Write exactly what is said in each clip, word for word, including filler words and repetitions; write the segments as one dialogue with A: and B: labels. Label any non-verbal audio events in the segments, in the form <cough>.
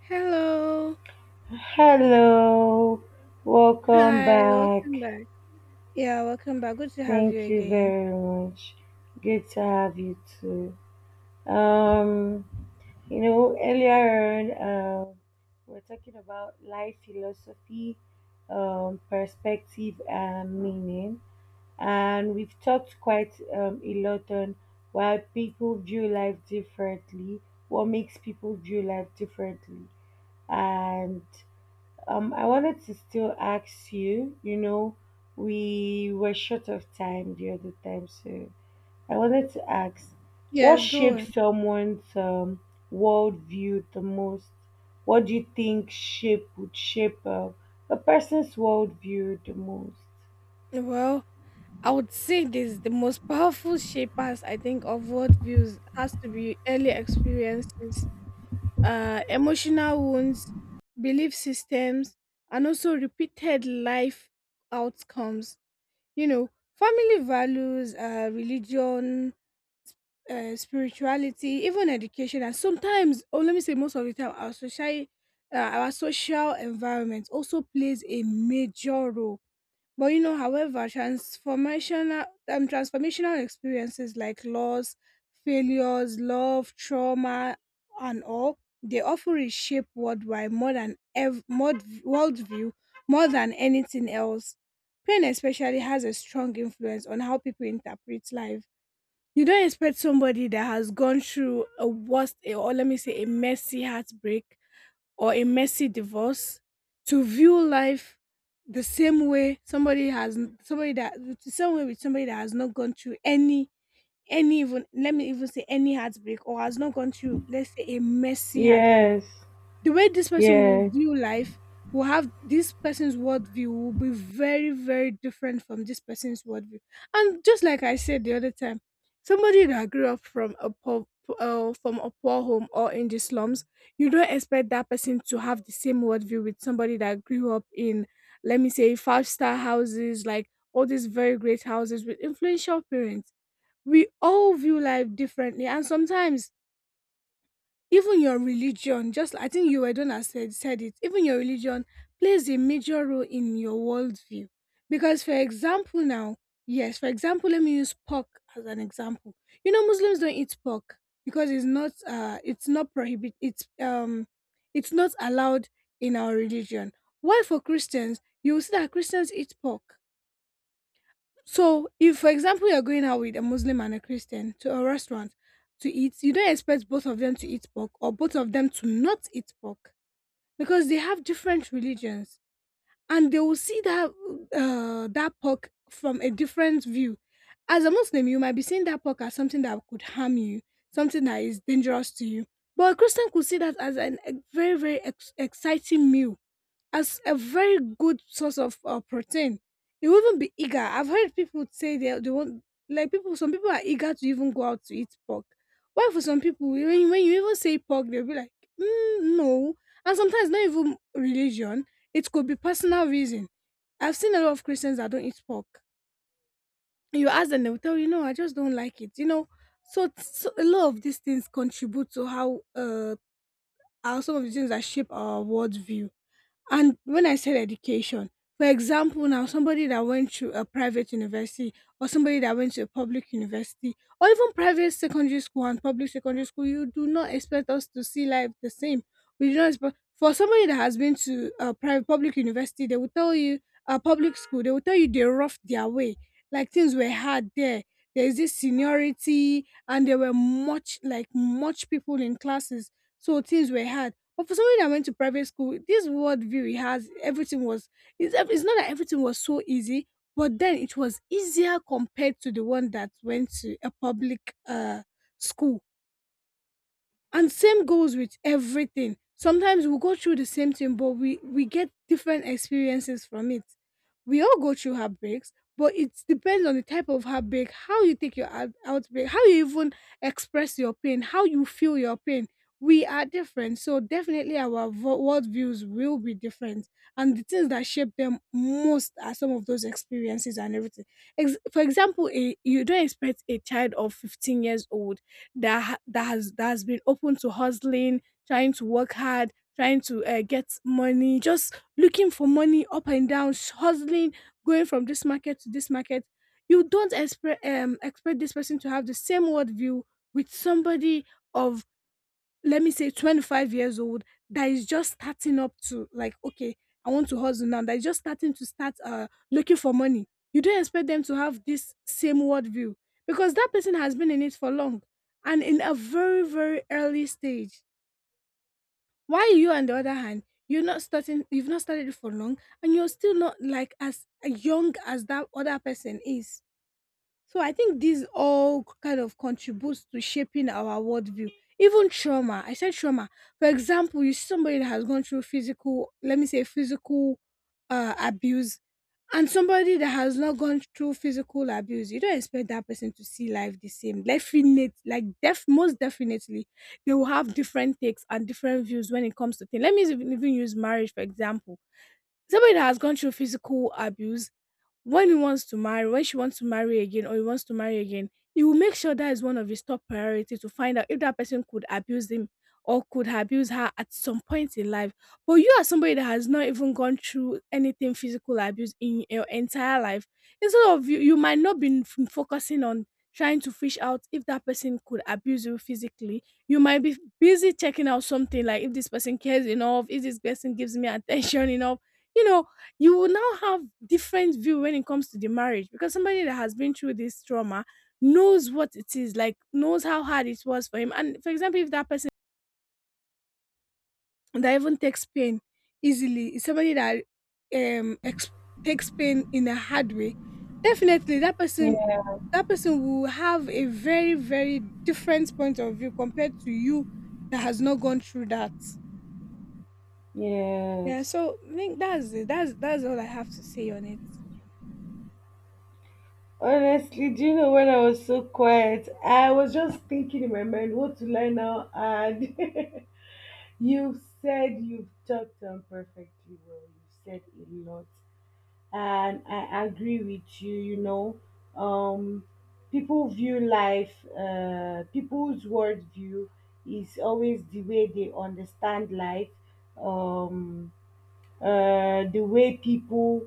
A: Hello.
B: Hello, welcome
A: Hi,
B: back.
A: welcome back. Yeah, welcome back. Good to have you
B: Thank you
A: again.
B: very much. Good to have you too. Um, you know, earlier on, um, we we're talking about life philosophy, um, perspective, and meaning, and we've talked quite um, a lot on why people view life differently, what makes people view life differently, and Um, I wanted to still ask you, you know, we were short of time the other time, so I wanted to ask, what
A: Yes, go on.
B: shapes someone's um, worldview the most? What do you think shape would shape uh, a person's worldview the most?
A: Well, I would say this the most powerful shapers I think of world views has to be early experiences, uh, emotional wounds, belief systems, and also repeated life outcomes. You know, family values, uh, religion, uh, spirituality, even education, and sometimes, or let me say, most of the time, our social, uh, our social environment also plays a major role. But you know, however, transformational um, transformational experiences like loss, failures, love, trauma, and all, they often reshape worldwide more than ev- more worldview more than anything else. Pain especially has a strong influence on how people interpret life. You don't expect somebody that has gone through a worst, or let me say a messy heartbreak or a messy divorce, to view life the same way somebody has, somebody that the same way with somebody that has not gone through any any even let me even say any heartbreak, or has not gone through let's say a messy heartbreak.
B: Yes,
A: The way this person will
B: yeah,
A: view life, will have, this person's worldview will be very, very different from this person's worldview. And just like I said the other time, somebody that grew up from a poor uh, from a poor home or in the slums, you don't expect that person to have the same worldview with somebody that grew up in, let me say, five star houses, like all these very great houses with influential parents. We all view life differently, and sometimes even your religion, just I think you were the one that said, said it, even your religion plays a major role in your worldview. Because for example now, yes, for example, let me use pork as an example. You know, Muslims don't eat pork because it's not, uh it's not prohibit, it's um it's not allowed in our religion, while for Christians, you will see that Christians eat pork. So, if for example you're going out with a Muslim and a Christian to a restaurant to eat, you don't expect both of them to eat pork, or both of them to not eat pork, because they have different religions and they will see that, uh, that pork, from a different view. As a Muslim, you might be seeing that pork as something that could harm you, something that is dangerous to you. But a Christian could see that as an, a very, very ex- exciting meal, as a very good source of uh, protein. You will even be eager. I've heard people say they, they want, like people, some people are eager to even go out to eat pork. Why for some people, when, when you even say pork, they'll be like, mm, no. And sometimes not even religion, it could be personal reason. I've seen a lot of Christians that don't eat pork. You ask them, they'll tell you, no, I just don't like it. You know, so, so a lot of these things contribute to how, uh, how, some of the things that shape our worldview. And when I said education, for example, now somebody that went to a private university, or somebody that went to a public university, or even private secondary school and public secondary school, you do not expect us to see life the same. We do not expect, for somebody that has been to a private public university, they will tell you, a public school, they will tell you they roughed their way. Like things were hard there. There is this seniority and there were much, like much people in classes. So things were hard, but for somebody that went to private school, this worldview he has, everything was, it's, ev- it's not that everything was so easy, but then it was easier compared to the one that went to a public uh, school. And same goes with everything. Sometimes we go through the same thing, but we we get different experiences from it. We all go through heartbreaks, but it depends on the type of heartbreak, how you take your out- outbreak, how you even express your pain, how you feel your pain. We are different, so definitely our vo- worldviews will be different, and the things that shape them most are some of those experiences and everything. Ex- for example, a, you don't expect a child of fifteen years old that ha- that has that has been open to hustling, trying to work hard, trying to uh, get money, just looking for money up and down, sh- hustling, going from this market to this market. You don't expect um, expect this person to have the same worldview with somebody of, let me say, twenty-five years old, that is just starting up, to like, okay, I want to hustle now, that is just starting to start uh looking for money. You don't expect them to have this same worldview, because that person has been in it for long and in a very, very early stage, while you on the other hand, you're not starting, you've not started it for long, and you're still not like as young as that other person is. So I think these all kind of contributes to shaping our worldview. Even trauma, I said trauma. For example, you see somebody that has gone through physical, let me say physical uh, abuse, and somebody that has not gone through physical abuse, you don't expect that person to see life the same. Definite, like def, most definitely, they will have different takes and different views when it comes to things. Let me even, even use marriage for example. Somebody that has gone through physical abuse, when he wants to marry, when she wants to marry again or he wants to marry again, he will make sure that is one of his top priority to find out if that person could abuse him or could abuse her at some point in life. But you are somebody that has not even gone through anything physical abuse in your entire life. Instead of you, you might not be f- focusing on trying to fish out if that person could abuse you physically. You might be busy checking out something like, if this person cares enough, if this person gives me attention <laughs> enough, you know, you will now have different view when it comes to the marriage, because somebody that has been through this trauma knows what it is like, knows how hard it was for him. And for example, if that person that even takes pain easily is somebody that um ex- takes pain in a hard way, definitely that person,
B: yeah,
A: that person will have a very, very different point of view compared to you that has not gone through that. Yeah,
B: yes.
A: so I think that's it, that's that's all I have to say on it.
B: Honestly, do you know when I was so quiet, I was just thinking in my mind, what will I now add? <laughs> You said you've talked on perfectly well. You said a lot, and I agree with you. You know, um, people view life. Uh, people's worldview is always the way they understand life. Um, uh, the way people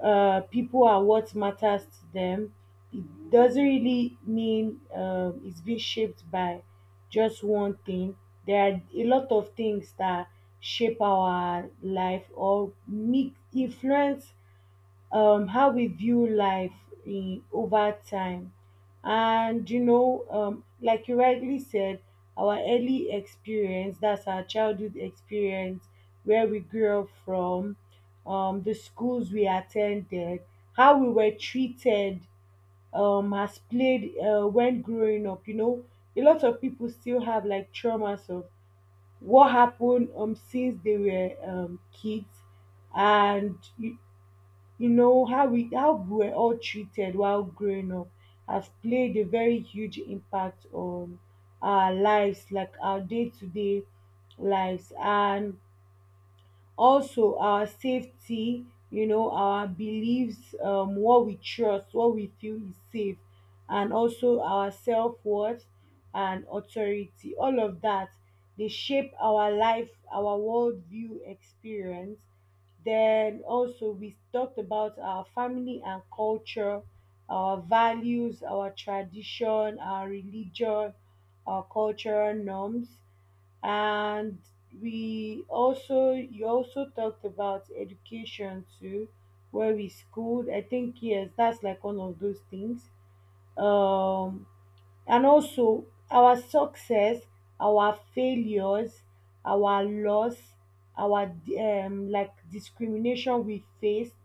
B: uh, people are what matters to them. It doesn't really mean um, it's being shaped by just one thing. There are a lot of things that shape our life or make influence um, how we view life in, over time. And you know, um, like you rightly said, our early experience, that's our childhood experience, where we grew up from, um, the schools we attended, how we were treated um, has played uh, when growing up. You know, a lot of people still have like traumas of what happened um, since they were um, kids, and you you know how we how we were all treated while growing up has played a very huge impact on our lives, like our day-to-day lives, and also our safety. You know, our beliefs, um, what we trust, what we feel is safe, and also our self-worth and authority, all of that, they shape our life, our worldview experience. Then also we talked about our family and culture, our values, our tradition, our religion, our cultural norms, and we also, you also talked about education too, where we schooled. I think, yes, that's like one of those things. Um, and also our success, our failures, our loss, our um, like discrimination we faced,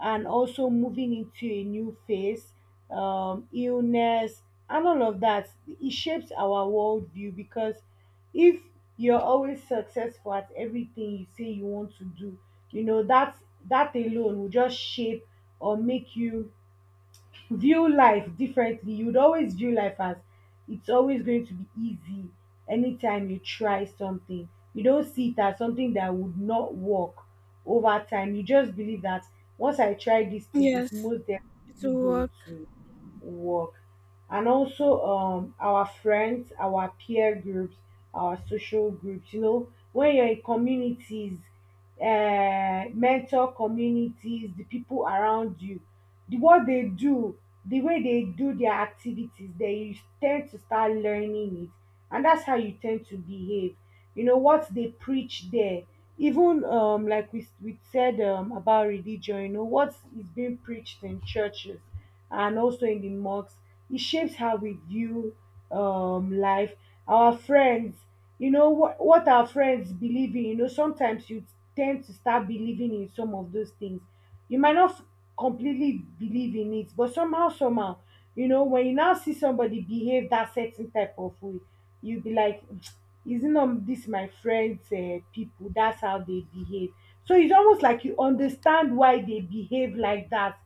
B: and also moving into a new phase, um, illness, and all of that, it shapes our worldview. Because if you're always successful at everything you say you want to do, you know that that alone will just shape or make you view life differently. You would always view life as it's always going to be easy. Anytime you try something, you don't see it as something that would not work. Over time you just believe that once I try this thing,
A: Yes,
B: it's most
A: it
B: definitely
A: will
B: going
A: work.
B: to work. And also um our friends, our peer groups, our social groups. You know, when you're in communities, uh, mentor communities, the people around you, the what they do, the way they do their activities, then you tend to start learning it, and that's how you tend to behave. You know what they preach there. Even um like we, we said um, about religion, you know what is being preached in churches and also in the mosques, it shapes how we view um life. Our friends, you know what what our friends believe in, you know sometimes you tend to start believing in some of those things. You might not f- completely believe in it, but somehow somehow, you know, when you now see somebody behave that certain type of way, you be like, isn't um this my friends uh, people, that's how they behave. So it's almost like you understand why they behave like that,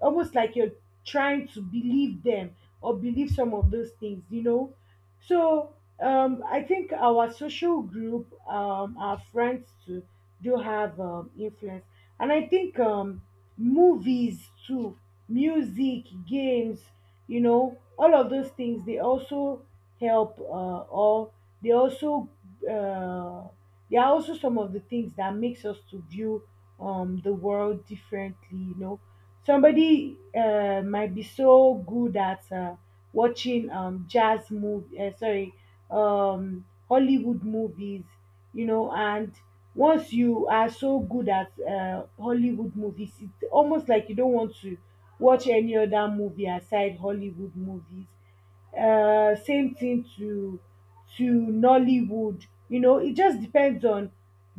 B: almost like you're trying to believe them or believe some of those things, you know. So um, I think our social group, um, our friends too, do have um, influence, and I think um, movies too, music, games, you know, all of those things, they also help, uh, or they also uh, they are also some of the things that makes us to view um, the world differently, you know. Somebody uh, might be so good at uh, watching um, jazz movie uh, sorry um, hollywood movies, you know, and once you are so good at uh, hollywood movies, it's almost like you don't want to watch any other movie aside hollywood movies. Uh, same thing to to nollywood. You know, it just depends on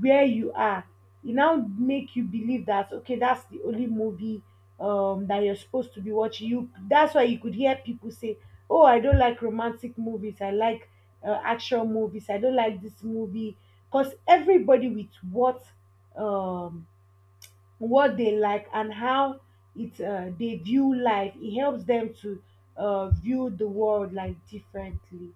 B: where you are e now make you believe that okay, that's the only movie um that you're supposed to be watching. You that's why you could hear people say, oh, I don't like romantic movies, I like uh, action movies, I don't like this movie, because everybody with what um what they like, and how it uh, they view life. It helps them to uh, view the world like differently.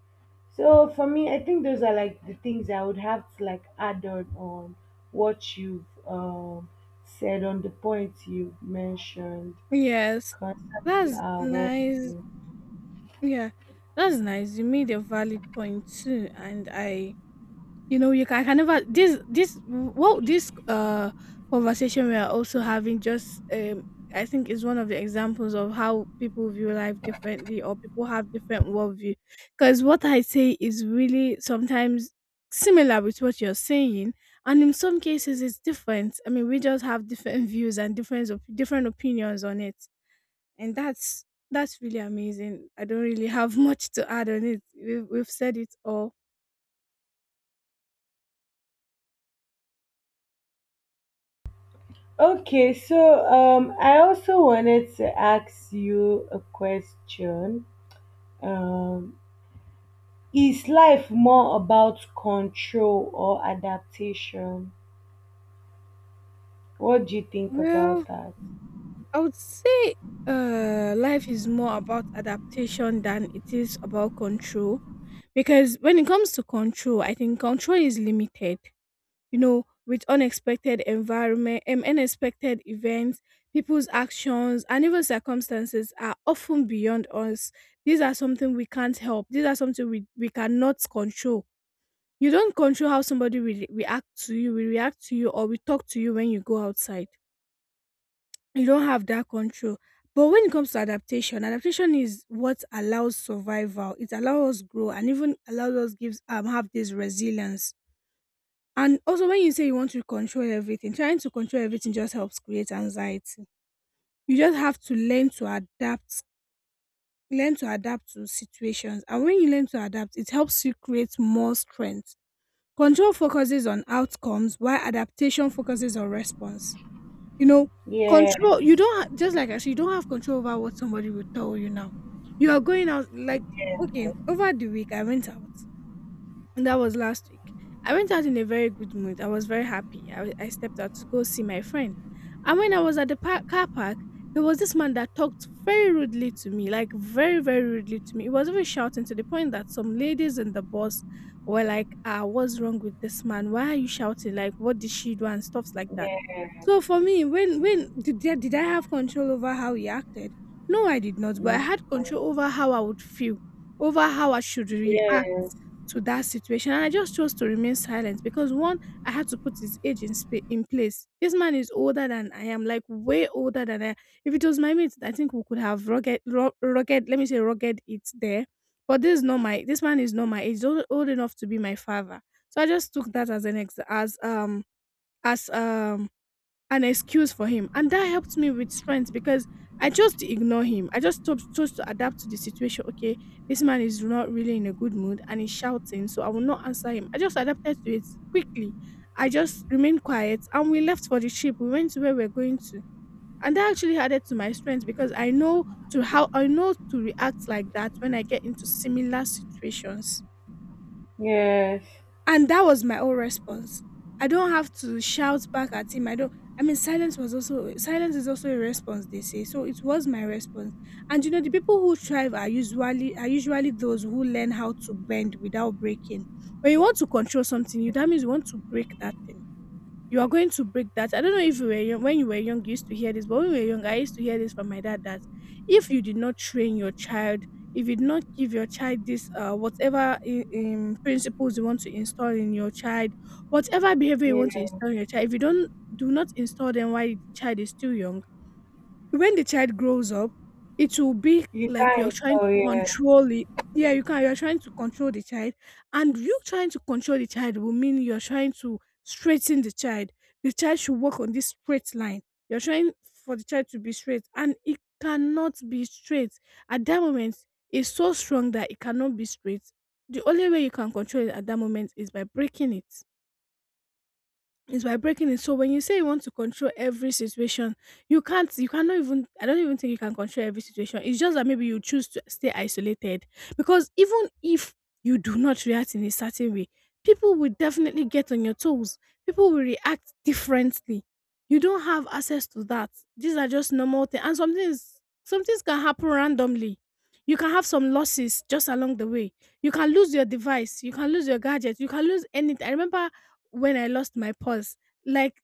B: So for me, I think those are like the things I would have to like add on on what you've um, said on the points you've mentioned
A: Yes,
B: concerning
A: that's
B: our
A: nice.
B: worldview.
A: Yeah, that's nice. You made a valid point too, and I, you know, you can, I can never, this this what, this uh conversation we are also having, just um I think is one of the examples of how people view life differently, or people have different worldview. Because what I say is really sometimes similar with what you're saying, and in some cases it's different. I mean, we just have different <laughs> views and different op- different opinions on it, and that's that's really amazing. I don't really have <laughs> much to add on it. We've, we've said it all.
B: Okay, so um, I also wanted to ask you a question. Um, Is life more about control or adaptation? What do you think
A: Well,
B: about that?
A: I would say uh, life is more about adaptation than it is about control, because when it comes to control, I think control is limited. You know, with unexpected environment, and unexpected events, people's actions, and even circumstances are often beyond us. These are something we can't help. These are something we, we cannot control. You don't control how somebody will react to you, will react to you, or will talk to you when you go outside. You don't have that control. But when it comes to adaptation, adaptation is what allows survival. It allows us grow, and even allows us, gives um have this resilience. And also when you say you want to control everything, trying to control everything just helps create anxiety. You just have to learn to adapt, learn to adapt to situations. And when you learn to adapt, it helps you create more strength. Control focuses on outcomes, while adaptation focuses on response. You know,
B: Yeah,
A: control, you don't, ha- just like I said, you don't have control over what somebody will tell you now. You are going out, like, okay, over the week I went out. And that was last week. I went out in a very good mood. I was very happy. I, w- I stepped out to go see my friend. And when I was at the par- car park, there was this man that talked very rudely to me, like very, very rudely to me. He was even shouting to the point that some ladies in the bus were like, ah, what's wrong with this man? Why are you shouting? Like, what did she do? And stuffs like that.
B: yeah,
A: So for me, when when did I, did I have control over how he acted? No, I did not. But I had
B: mm,
A: control over how I would feel, over how I should react
B: yes,
A: to that situation. And I just chose to remain silent because one, I had to put his age in spa- in place. This man is older than I am, like way older than I. am. If it was my mate, I think we could have rugged, ru- rugged. Let me say rugged. It's there, but this is not my. This man is not my age. He's old, old enough to be my father. So I just took that as an ex as um as um an excuse for him. And that helped me with strength because I just ignore him. I just chose chose to adapt to the situation. Okay, this man is not really in a good mood and he's shouting, so I will not answer him. I just adapted to it quickly. I just remained quiet and we left for the ship. We went to where we we're going to. And that actually added to my strength because I know to how I know to react like that when I get into similar situations.
B: yes,
A: And that was my own response. I don't have to shout back at him. I don't I mean silence was also silence is also a response they say. So it was my response. And you know the people who thrive are usually are usually those who learn how to bend without breaking. When you want to control something, you that means you want to break that thing. You are going to break that. I don't know if you were young, when you were young, you used to hear this, but when we were young, I used to hear this from my dad that if you did not train your child, if you did not give your child this, uh, whatever in, in principles you want to install in your child, whatever behavior you want to
B: yeah.
A: install in your child, if you don't do not install them while the child is still young, when the child grows up, it will be
B: You
A: like you're
B: can't
A: trying
B: tell,
A: to
B: yeah.
A: control it. Yeah, you can. You're trying to control the child, and you trying to control the child will mean you're trying to straighten the child. The child should walk on this straight line. You're trying for the child to be straight, and it cannot be straight. At that moment, it's so strong that it cannot be straight. The only way you can control it at that moment is by breaking it is by breaking it. So when you say you want to control every situation, you can't. You cannot even. I don't even think you can control every situation. It's just that maybe you choose to stay isolated because even if you do not react in a certain way, people will definitely get on your toes. People will react differently. You don't have access to that. These are just normal things, and some things some things can happen randomly. You can have some losses just along the way. You can lose your device. You can lose your gadget. You can lose anything. I remember when I lost my purse. Like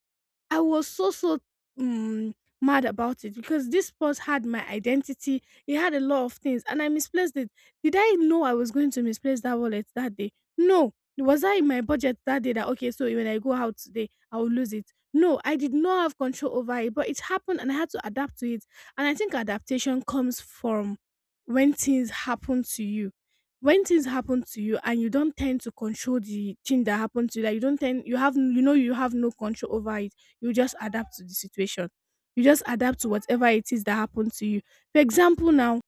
A: I was so, so um mad about it because this purse had my identity. It had a lot of things and I misplaced it. Did I know I was going to misplace that wallet that day? No. Was I in my budget that day that, okay, so when I go out today, I will lose it? No, I did not have control over it, but it happened and I had to adapt to it. And I think adaptation comes from when things happen to you when things happen to you and you don't tend to control the thing that happened to you, like you don't tend you have you know you have no control over it. You just adapt to the situation. You just adapt to whatever it is that happened to you. For example, now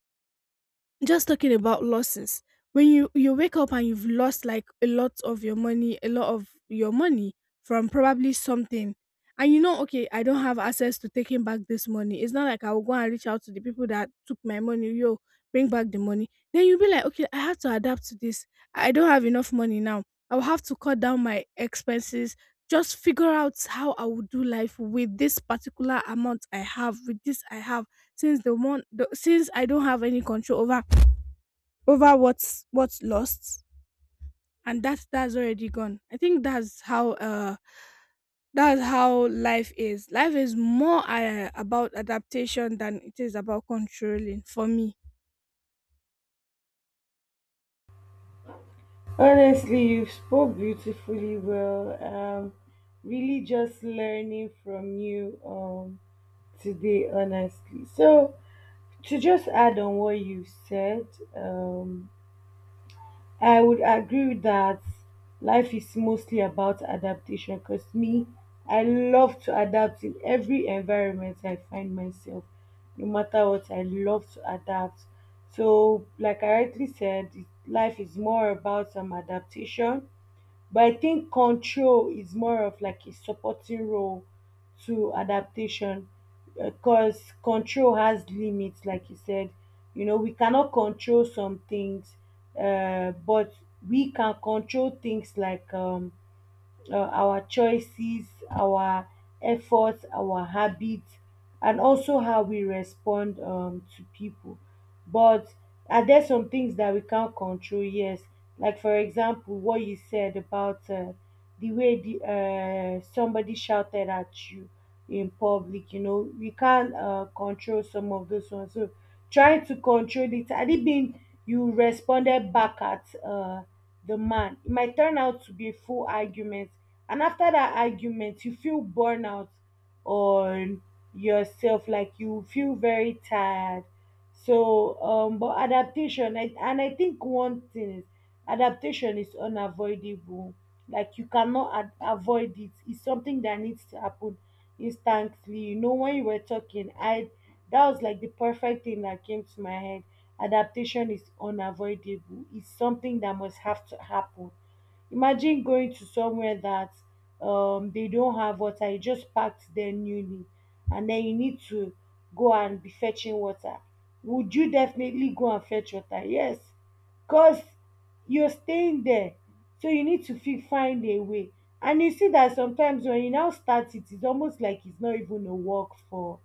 A: just talking about losses. When you you wake up and you've lost like a lot of your money, a lot of your money from probably something, and you know, okay, I don't have access to taking back this money. It's not like I will go and reach out to the people that took my money. Yo, bring back the money. Then you'll be like, okay, I have to adapt to this. I don't have enough money now. I will have to cut down my expenses. Just figure out how I would do life with this particular amount I have, with this I have since the one the, since I don't have any control over over what's what's lost and that that's already gone. I think that's how uh that's how life is. Life is more uh, about adaptation than it is about controlling for me.
B: Honestly, you spoke beautifully well. Um, really just learning from you um today, honestly. So to just add on what you said, um I would agree with that life is mostly about adaptation, because me, I love to adapt in every environment I find myself. No matter what, I love to adapt. So, like I rightly said, it- life is more about some adaptation, but I think control is more of like a supporting role to adaptation, because control has limits, like you said. You know, we cannot control some things, uh, but we can control things like um, uh, our choices, our efforts, our habits, and also how we respond um, to people. But are there some things that we can't control? Yes, like for example, what you said about uh, the way the uh, somebody shouted at you in public. You know, we can't uh, control some of those ones. So trying to control it, had it been you responded back at uh, the man, it might turn out to be a full argument, and after that argument you feel burnout on yourself, like you feel very tired. So um but adaptation, I, and I think one thing is, adaptation is unavoidable. Like you cannot ad- avoid it, it's something that needs to happen instantly. You know, when you were talking, I that was like the perfect thing that came to my head. Adaptation is unavoidable, it's something that must have to happen. Imagine going to somewhere that um, they don't have water, you just packed there newly, and then you need to go and be fetching water. Would you definitely go and fetch water? Yes, because you're staying there, so you need to fi- find a way. And you see that sometimes when you now start it, it's almost like it's not even a work for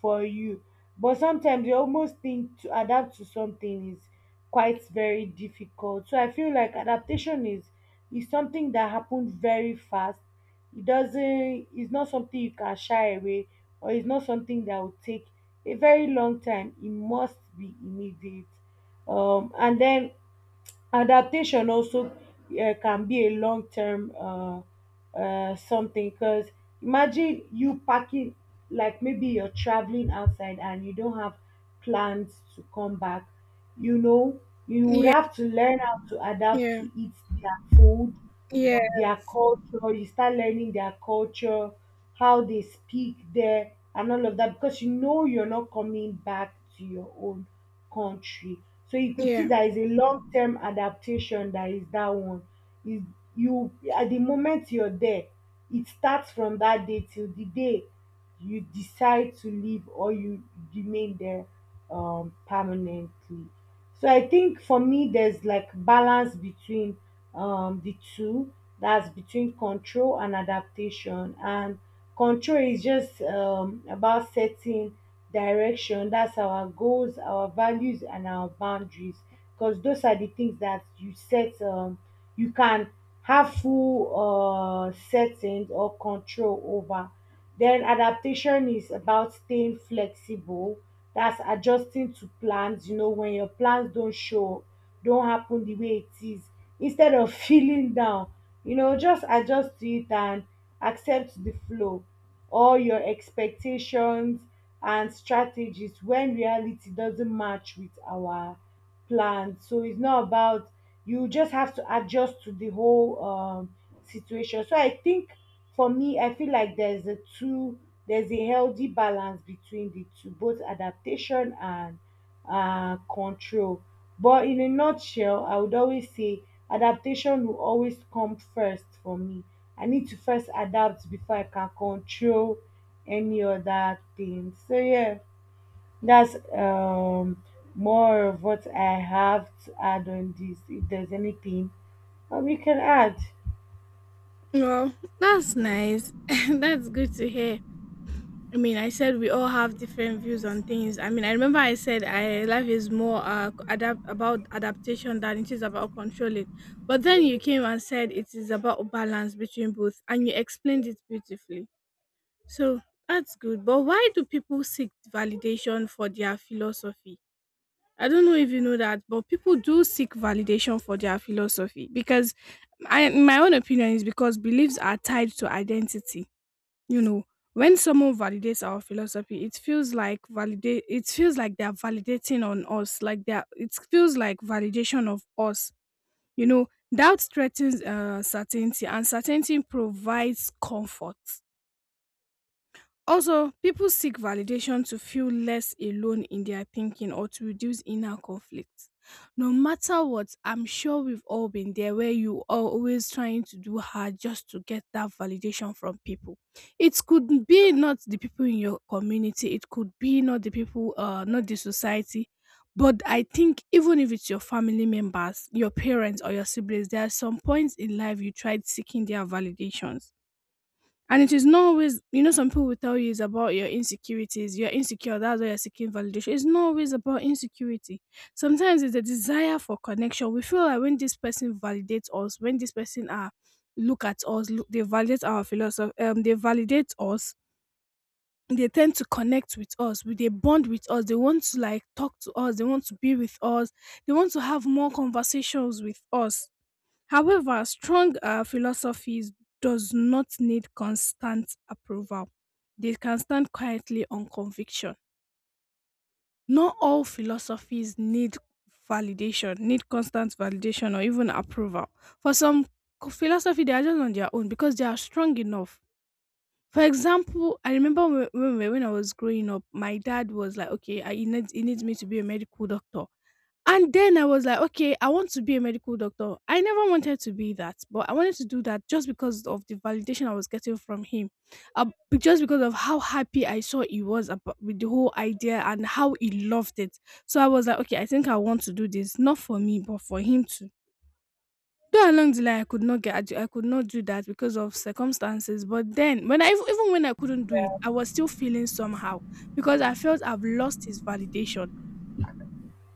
B: for you. But sometimes you almost think to adapt to something is quite very difficult. So I feel like adaptation is is something that happens very fast. It doesn't, it's not something you can shy away, or it's not something that will take a very long time. It must be immediate. Um and then adaptation also uh, can be a long term uh, uh, something, because imagine you packing, like maybe you're traveling outside and you don't have plans to come back, you know, you would
A: Yeah,
B: have to learn how to adapt
A: yeah,
B: to eat their food,
A: yeah,
B: um, their culture, you start learning their culture, how they speak there and all of that, because you know you're not coming back to your own country. So you could see
A: yeah.
B: that is a long term adaptation, that is that one. Is you at the moment you're there, it starts from that day till the day you decide to leave or you remain there um permanently. So I think for me, there's like balance between um, the two. That's between control and adaptation. And control is just um, about setting direction. That's our goals, our values, and our boundaries. Because those are the things that you set. Um, you can have full uh, settings or control over. Then adaptation is about staying flexible. That's adjusting to plans. You know, when your plans don't show, don't happen the way it is. Instead of <laughs> feeling down, you know, just adjust to it and accept the flow. All your expectations and strategies when reality doesn't match with our planned. So it's not about, you just have to adjust to the whole um, situation. So I think for me, I feel like there's a two there's a healthy balance between the two, both adaptation and uh, control. But in a nutshell, I would always say adaptation will always come first for me. I need to first adapt before I can control any other thing. So yeah. That's um, more of what I have to add on this. If there's anything um, you can add.
A: Well, that's nice. <laughs> That's good to hear. I mean, I said we all have different views on things. I mean, I remember I said I life is more uh, adapt about adaptation than it is about controlling. But then you came and said it is about balance between both, and you explained it beautifully. So that's good. But why do people seek validation for their philosophy? I don't know if you know that, but people do seek validation for their philosophy because, I, in my own opinion, is because beliefs are tied to identity. You know, when someone validates our philosophy it feels like validate it feels like they're validating on us like they're it feels like validation of us. You know, doubt threatens uh, certainty and certainty provides comfort. Also, people seek validation to feel less alone in their thinking or to reduce inner conflict. No matter what, I'm sure we've all been there where you are always trying to do hard just to get that validation from people. It could be not the people in your community, it could be not the people, uh, not the society. But I think even if it's your family members, your parents, or your siblings, there are some points in life you tried seeking their validations. And it is not always, you know, some people will tell you it's about your insecurities. You're insecure. That's why you're seeking validation. It's not always about insecurity. Sometimes it's a desire for connection. We feel like when this person validates us, when this person uh, look at us, look, they validate our philosophy, um, they validate us, they tend to connect with us, with they bond with us, they want to like talk to us, they want to be with us, they want to have more conversations with us. However, strong uh, philosophies does not need constant approval. They can stand quietly on conviction. Not all philosophies need validation, need constant validation or even approval. For some co- philosophy, they are just on their own because they are strong enough. For example, I remember when when, we- when I was growing up, my dad was like, "Okay, I, he needs he needs me to be a medical doctor," and then I was like, "Okay, I want to be a medical doctor." I never wanted to be that, but I wanted to do that just because of the validation I was getting from him, uh, be- just because of how happy I saw he was about, with the whole idea and how he loved it. So I was like, "Okay, I think I want to do this, not for me, but for him to." Though along the line I could not get I could not do that because of circumstances, but then when I even when I couldn't do it, I was still feeling somehow because I felt I've lost his validation.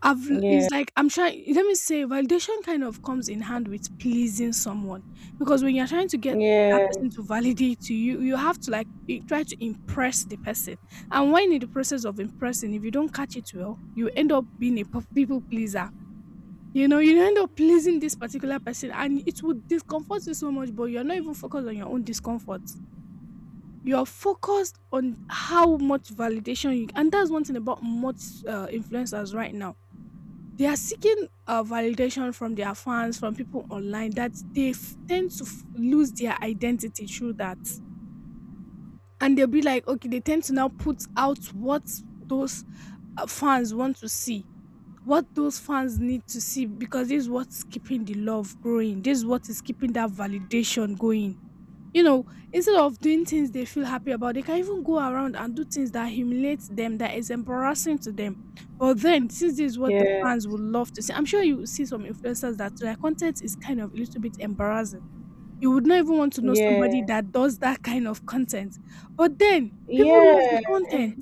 A: I've It's
B: Yeah.
A: like I'm trying let me say validation kind of comes in hand with pleasing someone because when you're trying to get that
B: Yeah.
A: person to validate to you, you have to like i- try to impress the person. And when in the process of impressing, if you don't catch it well, you end up being a p- people pleaser. You know, you end up pleasing this particular person and it would discomfort you so much, but you're not even focused on your own discomfort. You're focused on how much validation you and that's one thing about much uh, influencers right now. They are seeking uh, validation from their fans, from people online that they f- tend to f- lose their identity through that. And they'll be like, okay, they tend to now put out what those uh, fans want to see, what those fans need to see because this is what's keeping the love growing. This is what is keeping that validation going. You know, instead of doing things they feel happy about, they can even go around and do things that humiliate them, that is embarrassing to them. But then, since this is what the
B: Yeah.
A: fans would love to see, I'm sure you will see some influencers that their content is kind of a little bit embarrassing. You would not even want to know somebody
B: Yeah.
A: that does that kind of content. But then, people love the
B: Yeah.
A: content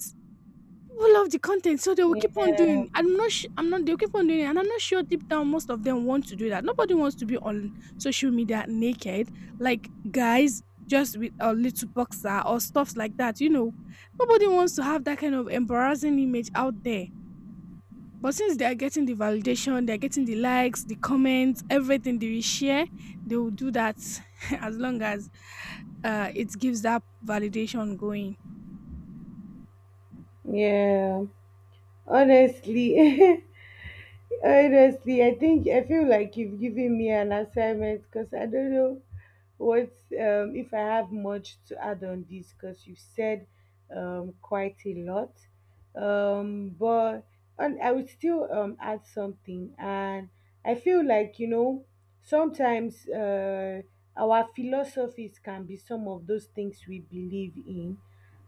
A: people love the content, so they will
B: Yeah.
A: keep on doing. I'm not. Sh- I'm not. They'll keep on doing it, and I'm not sure deep down most of them want to do that. Nobody wants to be on social media naked, like guys just with a little boxer or stuffs like that. You know, nobody wants to have that kind of embarrassing image out there. But since they are getting the validation, they are getting the likes, the comments, everything they will share, they will do that <laughs> as long as uh, it gives that validation going.
B: Yeah. Honestly. <laughs> Honestly, I think I feel like you've given me an assignment because I don't know what um, if I have much to add on this because you said um, quite a lot. Um, but and I would still um, add something, and I feel like you know sometimes uh, our philosophies can be some of those things we believe in,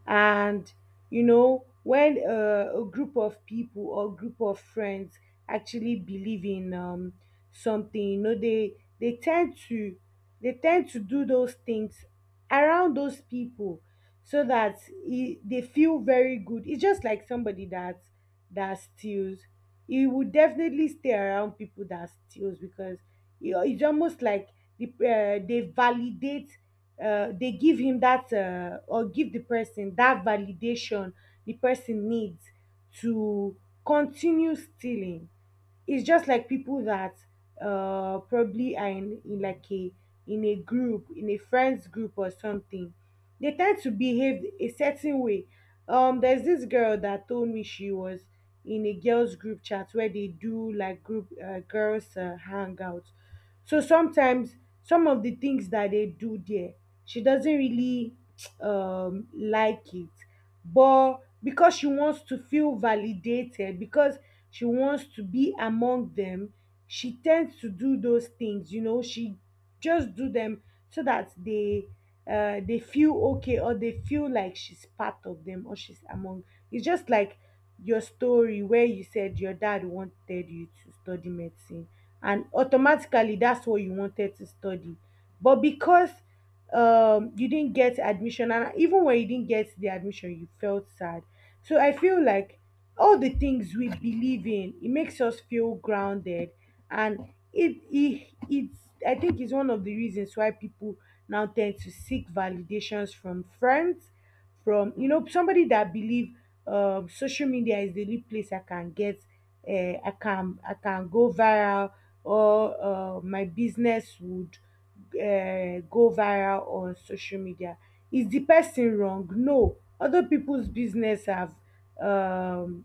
B: and you know when uh, a group of people or group of friends actually believe in um, something, you know, they they tend to they tend to do those things around those people so that it, they feel very good. It's just like somebody that that steals. He would definitely stay around people that steals because, you know, it's almost like the, uh, they validate, uh, they give him that, uh, or give the person that validation the person needs to continue stealing. It's just like people that uh probably are in, in like a in a group in a friends group or something. They tend to behave a certain way. um there's this girl that told me she was in a girls group chat where they do like group uh, girls uh, hangouts. So sometimes some of the things that they do there, she doesn't really <tsk> um like it. But because she wants to feel validated, because she wants to be among them, she tends to do those things, you know, she just do them so that they uh they feel okay, or they feel like she's part of them or she's among. It's just like your story where you said your dad wanted you to study medicine, and automatically that's what you wanted to study. But because, um, you didn't get admission, and even when you didn't get the admission, you felt sad. So I feel like all the things we believe in, it makes us feel grounded, and it it it's I think it's one of the reasons why people now tend to seek validations from friends, from you know somebody that believe um social media is the only place I can get uh, I can I can go viral, or uh, my business would uh, go viral on social media. Is the person wrong? No. Other people's business have um,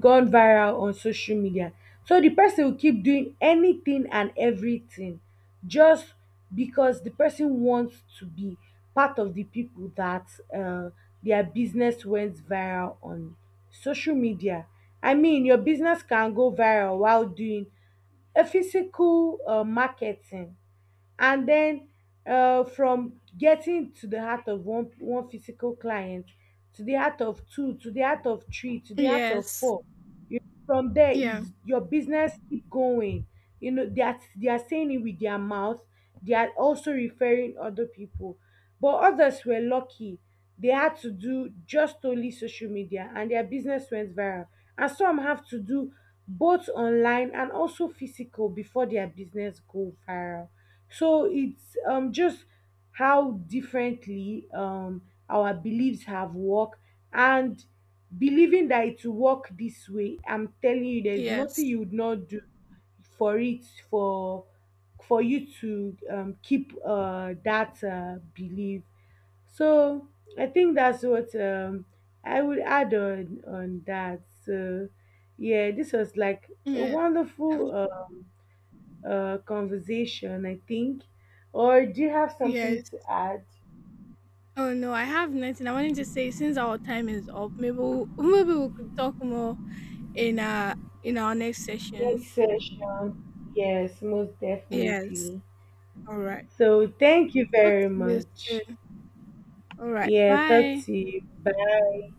B: gone viral on social media. So the person will keep doing anything and everything just because the person wants to be part of the people that, uh, their business went viral on social media. I mean, your business can go viral while doing a physical uh, marketing, and then uh, from getting to the heart of one one physical client, to the heart of two, to the heart of three, to the heart of
A: Yes.
B: four. You, from there
A: Yeah.
B: it's your business keep going. You know, they are, they are saying it with their mouth, they are also referring other people. But others were lucky, they had to do just only social media and their business went viral. And some have to do both online and also physical before their business go viral. So it's um, just how differently um, our beliefs have worked. And believing that it will work this way, I'm telling you, there's nothing
A: Yes.
B: you would not do for it, for for you to um, keep, uh, that, uh, belief. So I think that's what um, I would add on on that. So yeah, this was like a
A: Yeah. Um,
B: wonderful. Uh, uh, conversation, I think. Or do you have
A: yes.
B: something to add?
A: Oh no, I have nothing. I wanted to say since our time is up, maybe we <laughs> maybe we could talk more in uh in our next
B: Next
A: sessions.
B: session. Yes, most
A: Yes.
B: definitely.
A: All right.
B: So thank you
A: Talk
B: very
A: to you
B: much.
A: soon. All right.
B: Yeah, talk
A: Bye.
B: to you. Bye.